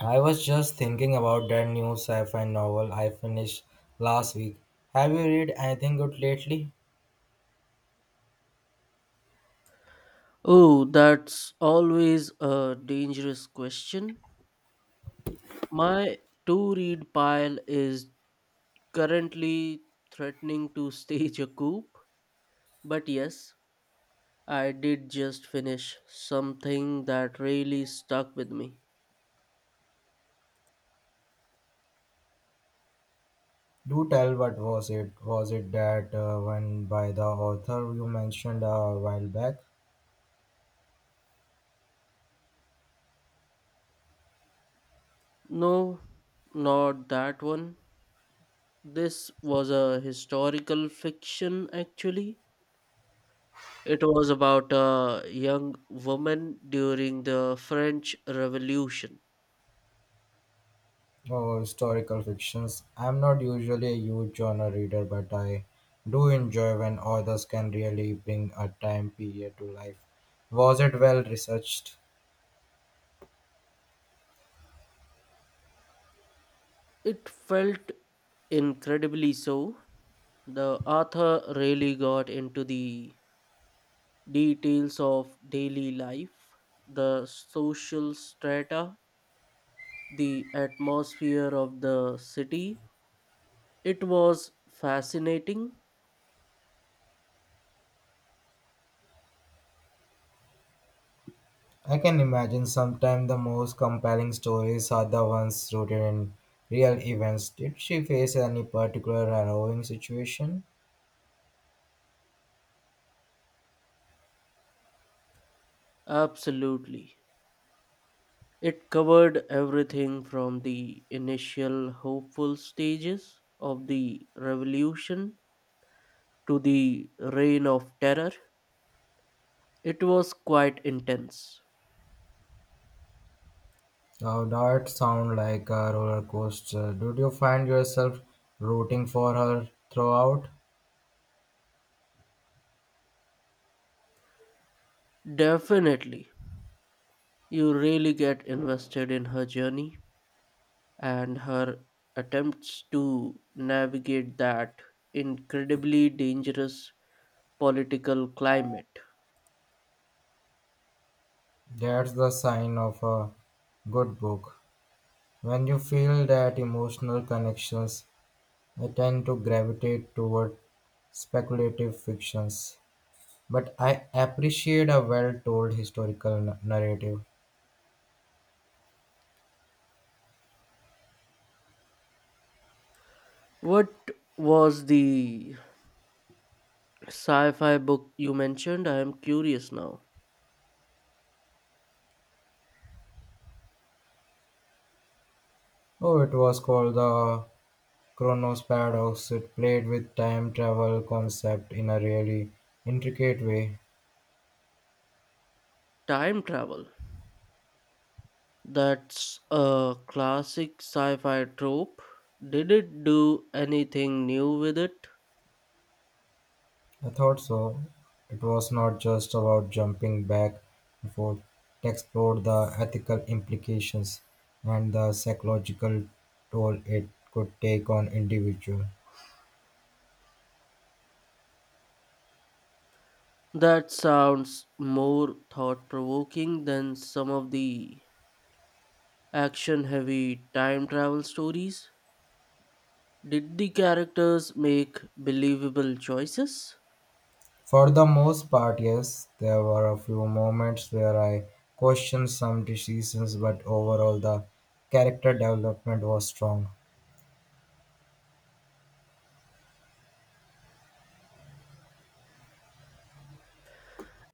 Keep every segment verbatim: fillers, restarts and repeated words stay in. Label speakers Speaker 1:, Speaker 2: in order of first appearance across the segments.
Speaker 1: I was just thinking about that new sci-fi novel I finished last week. Have you read anything good lately?
Speaker 2: Oh, that's always a dangerous question. My to read pile is currently threatening to stage a coup, but yes, I did just finish something that really stuck with me.
Speaker 1: Do tell, what was it? Was it that uh, one by the author you mentioned a while back,
Speaker 2: No, not that one. This was a historical fiction actually. It was about a young woman during the French Revolution.
Speaker 1: or historical fictions? I'm not usually a huge genre reader, but I do enjoy when authors can really bring a time period to life. Was it well researched?
Speaker 2: It felt incredibly so. The author really got into the details of daily life, the social strata, the atmosphere of the city. It was fascinating,
Speaker 1: I can imagine sometimes the most compelling stories are the ones rooted in real events. Did she face any particular harrowing situation?
Speaker 2: absolutely. It covered everything from the initial hopeful stages of the revolution to the reign of terror. It was quite intense.
Speaker 1: Now that sound like a roller coaster. Did you find yourself rooting for her throughout?
Speaker 2: Definitely. You really get invested in her journey and her attempts to navigate that incredibly dangerous political climate.
Speaker 1: That's the sign of a good book. When you feel that emotional connections, I tend to gravitate toward speculative fictions. But I appreciate a well told historical n- narrative.
Speaker 2: What was the sci fi book you mentioned? I am curious now.
Speaker 1: Oh, it was called the Chronos Paradox. It played with time travel concept in a really intricate way.
Speaker 2: Time travel. That's a classic sci fi trope. Did it do anything new with it?
Speaker 1: I thought so. It was not just about jumping back and forth. It explored the ethical implications and the psychological toll it could take on individual.
Speaker 2: That sounds more thought provoking than some of the action heavy time travel stories. Did the characters make believable choices?
Speaker 1: For the most part, yes, there were a few moments where I questioned some decisions, but overall the character development was strong.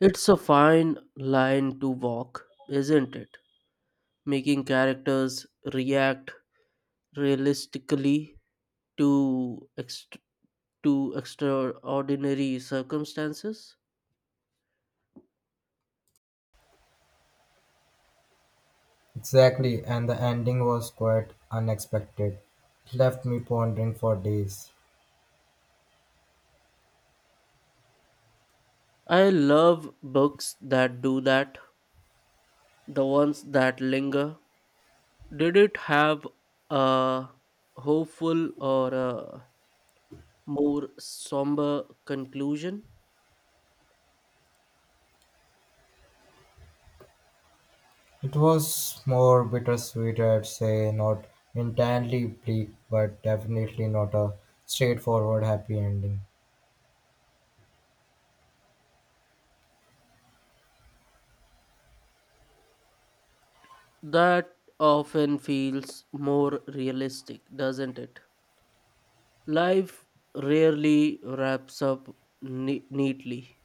Speaker 2: It's a fine line to walk, isn't it? Making characters react realistically to ext- to extraordinary circumstances.
Speaker 1: Exactly, and the ending was quite unexpected. It left me pondering for days.
Speaker 2: I love books that do that, the ones that linger. Did it have a hopeful or a more somber conclusion?
Speaker 1: It was more bittersweet, I'd say, not entirely bleak, but definitely not a straightforward happy ending.
Speaker 2: That often feels more realistic, doesn't it? Life rarely wraps up ne- neatly.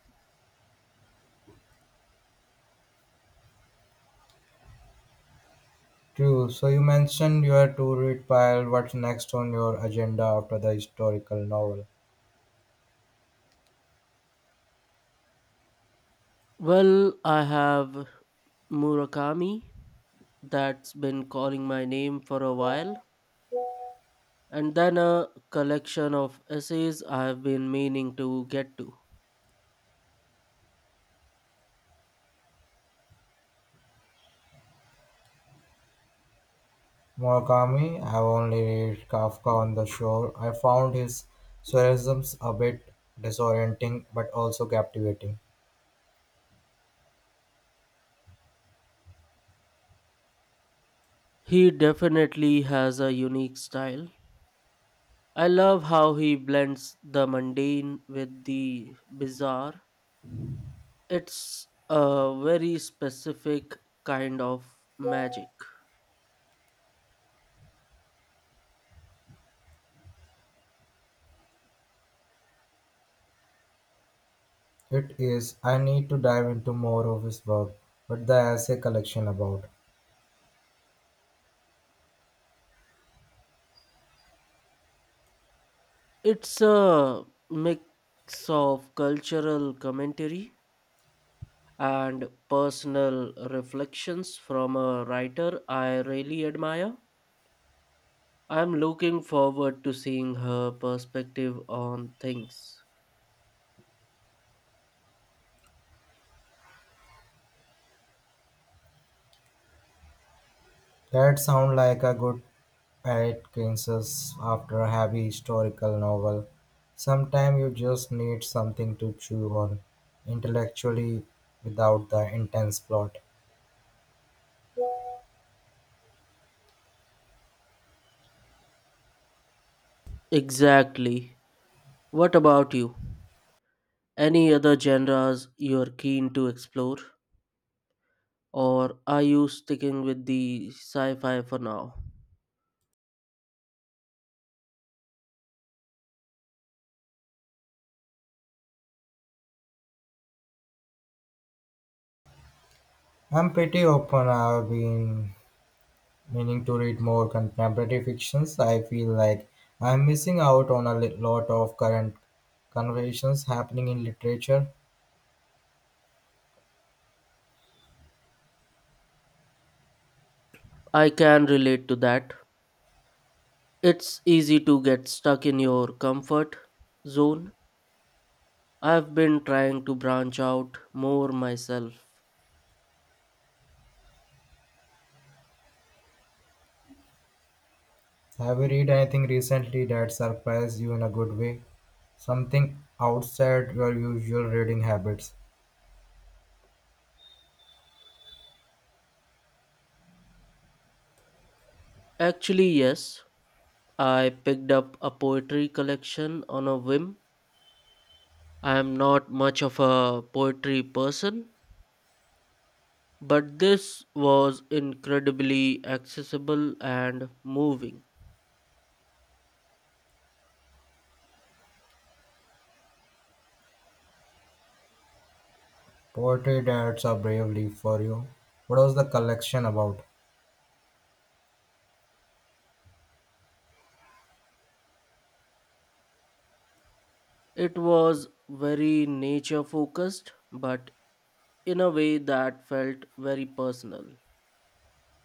Speaker 1: True, so you mentioned your to read pile. What's next on your agenda after the historical novel?
Speaker 2: Well, I have Murakami that's been calling my name for a while, and then a collection of essays I've been meaning to get to.
Speaker 1: Murakami, I've only read Kafka on the Shore. I found his surrealisms a bit disorienting but also captivating.
Speaker 2: He definitely has a unique style. I love how he blends the mundane with the bizarre. It's a very specific kind of magic.
Speaker 1: It is, I need to dive into more of his work, but the essay collection about.
Speaker 2: It's a mix of cultural commentary and personal reflections from a writer I really admire. I'm looking forward to seeing her perspective on things.
Speaker 1: That sound like a good Atkinson's after a heavy historical novel. Sometimes you just need something to chew on intellectually without the intense plot.
Speaker 2: Exactly. What about you? Any other genres you're keen to explore? Or are you sticking with the sci fi for now?
Speaker 1: I'm pretty open. I've been meaning to read more contemporary fictions. I feel like I'm missing out on a li- lot of current conversations happening in literature.
Speaker 2: I can relate to that. It's easy to get stuck in your comfort zone. I've been trying to branch out more myself.
Speaker 1: Have you read anything recently that surprised you in a good way? Something outside your usual reading habits?
Speaker 2: Actually, yes, I picked up a poetry collection on a whim. I am not much of a poetry person, but this was incredibly accessible and moving.
Speaker 1: Poetry, that's a brave leap for you. What was the collection about?
Speaker 2: It was very nature focused, but in a way that felt very personal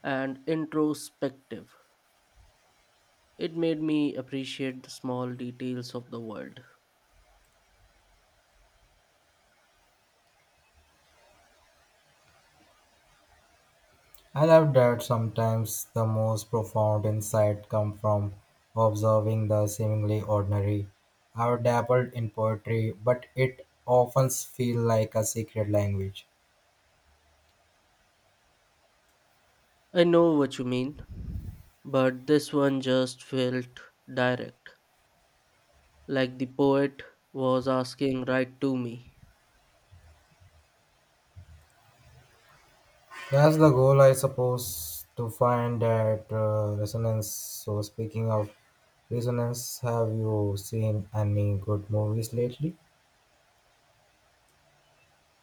Speaker 2: and introspective. It made me appreciate the small details of the world.
Speaker 1: I love that. Sometimes the most profound insight come from observing the seemingly ordinary. I've dabbled in poetry, but it often feels like a secret language.
Speaker 2: I know what you mean, but this one just felt direct, like the poet was asking right to me.
Speaker 1: That's the goal, I suppose, to find that uh, resonance. So, speaking of resonance, have you seen any good movies lately?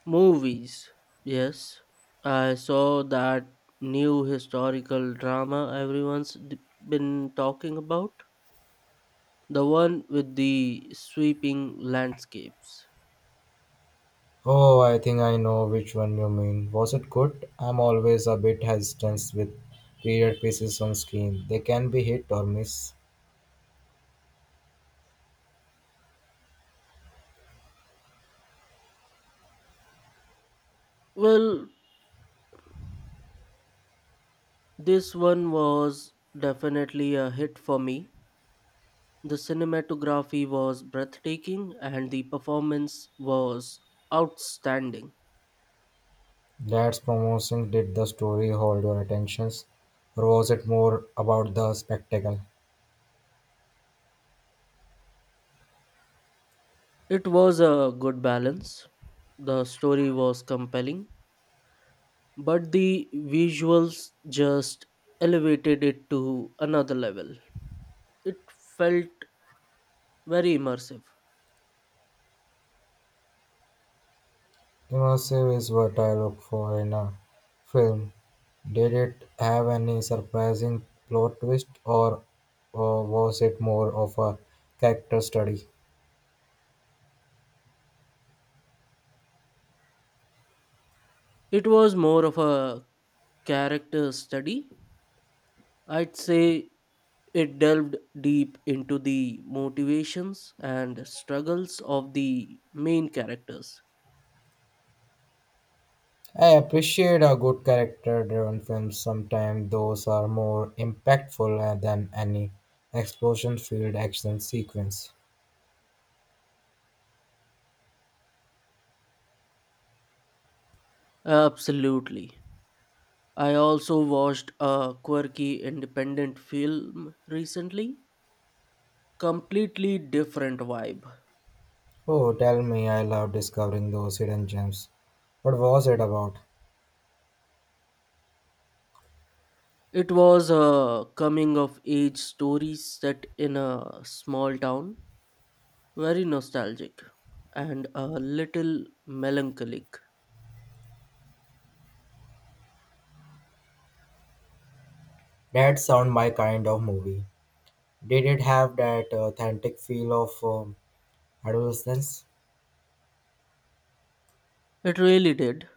Speaker 2: Movies, yes, I saw that new historical drama everyone's d- been talking about, the one with the sweeping landscapes.
Speaker 1: Oh, I think I know which one you mean. Was it good? I'm always a bit hesitant with period pieces on screen. They can be hit or miss.
Speaker 2: Well, this one was definitely a hit for me. The cinematography was breathtaking and the performance was outstanding.
Speaker 1: That's promotion. Did the story hold your attentions, or was it more about the spectacle?
Speaker 2: It was a good balance. The story was compelling, but the visuals just elevated it to another level. It felt very immersive.
Speaker 1: Immersive is what I look for in a film. Did it have any surprising plot twist, or, or was it more of a character study?
Speaker 2: It was more of a character study. I'd say it delved deep into the motivations and struggles of the main characters.
Speaker 1: I appreciate a good character driven film. Sometimes those are more impactful than any explosion filled action sequence.
Speaker 2: Absolutely. I also watched a quirky independent film recently. Completely different vibe.
Speaker 1: Oh, tell me, I love discovering those hidden gems. What was it about?
Speaker 2: It was a coming of age story set in a small town. Very nostalgic and a little melancholic.
Speaker 1: That sound my kind of movie. Did it have that authentic feel of um, adolescence.
Speaker 2: It really did,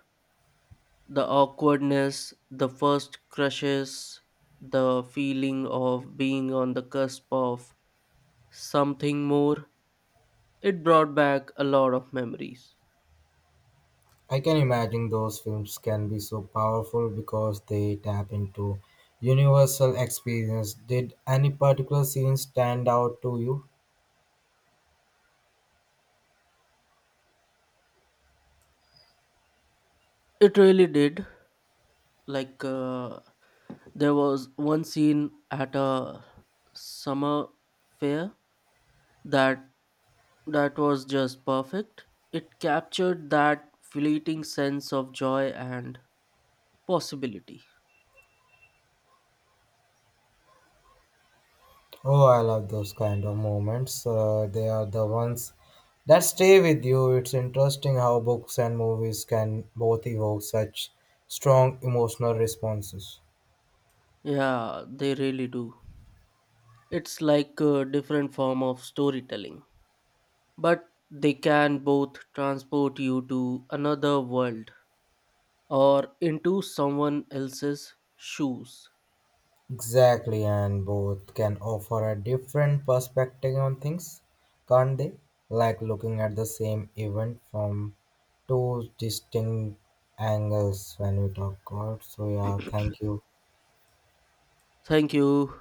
Speaker 2: the awkwardness, the first crushes, the feeling of being on the cusp of something more. It brought back a lot of memories.
Speaker 1: I can imagine those films can be so powerful because they tap into universal experience. Did any particular scene stand out to you?
Speaker 2: It really did. Like, uh, there was one scene at a summer fair that that was just perfect. It captured that fleeting sense of joy and possibility.
Speaker 1: Oh, I love those kind of moments. Uh, they are the ones that stay with you. It's interesting how books and movies can both evoke such strong emotional responses.
Speaker 2: Yeah, they really do. It's like a different form of storytelling, but they can both transport you to another world or into someone else's shoes.
Speaker 1: Exactly, and both can offer a different perspective on things, can't they? Like looking at the same event from two distinct angles when we talk about. So, yeah, thank you.
Speaker 2: Thank you.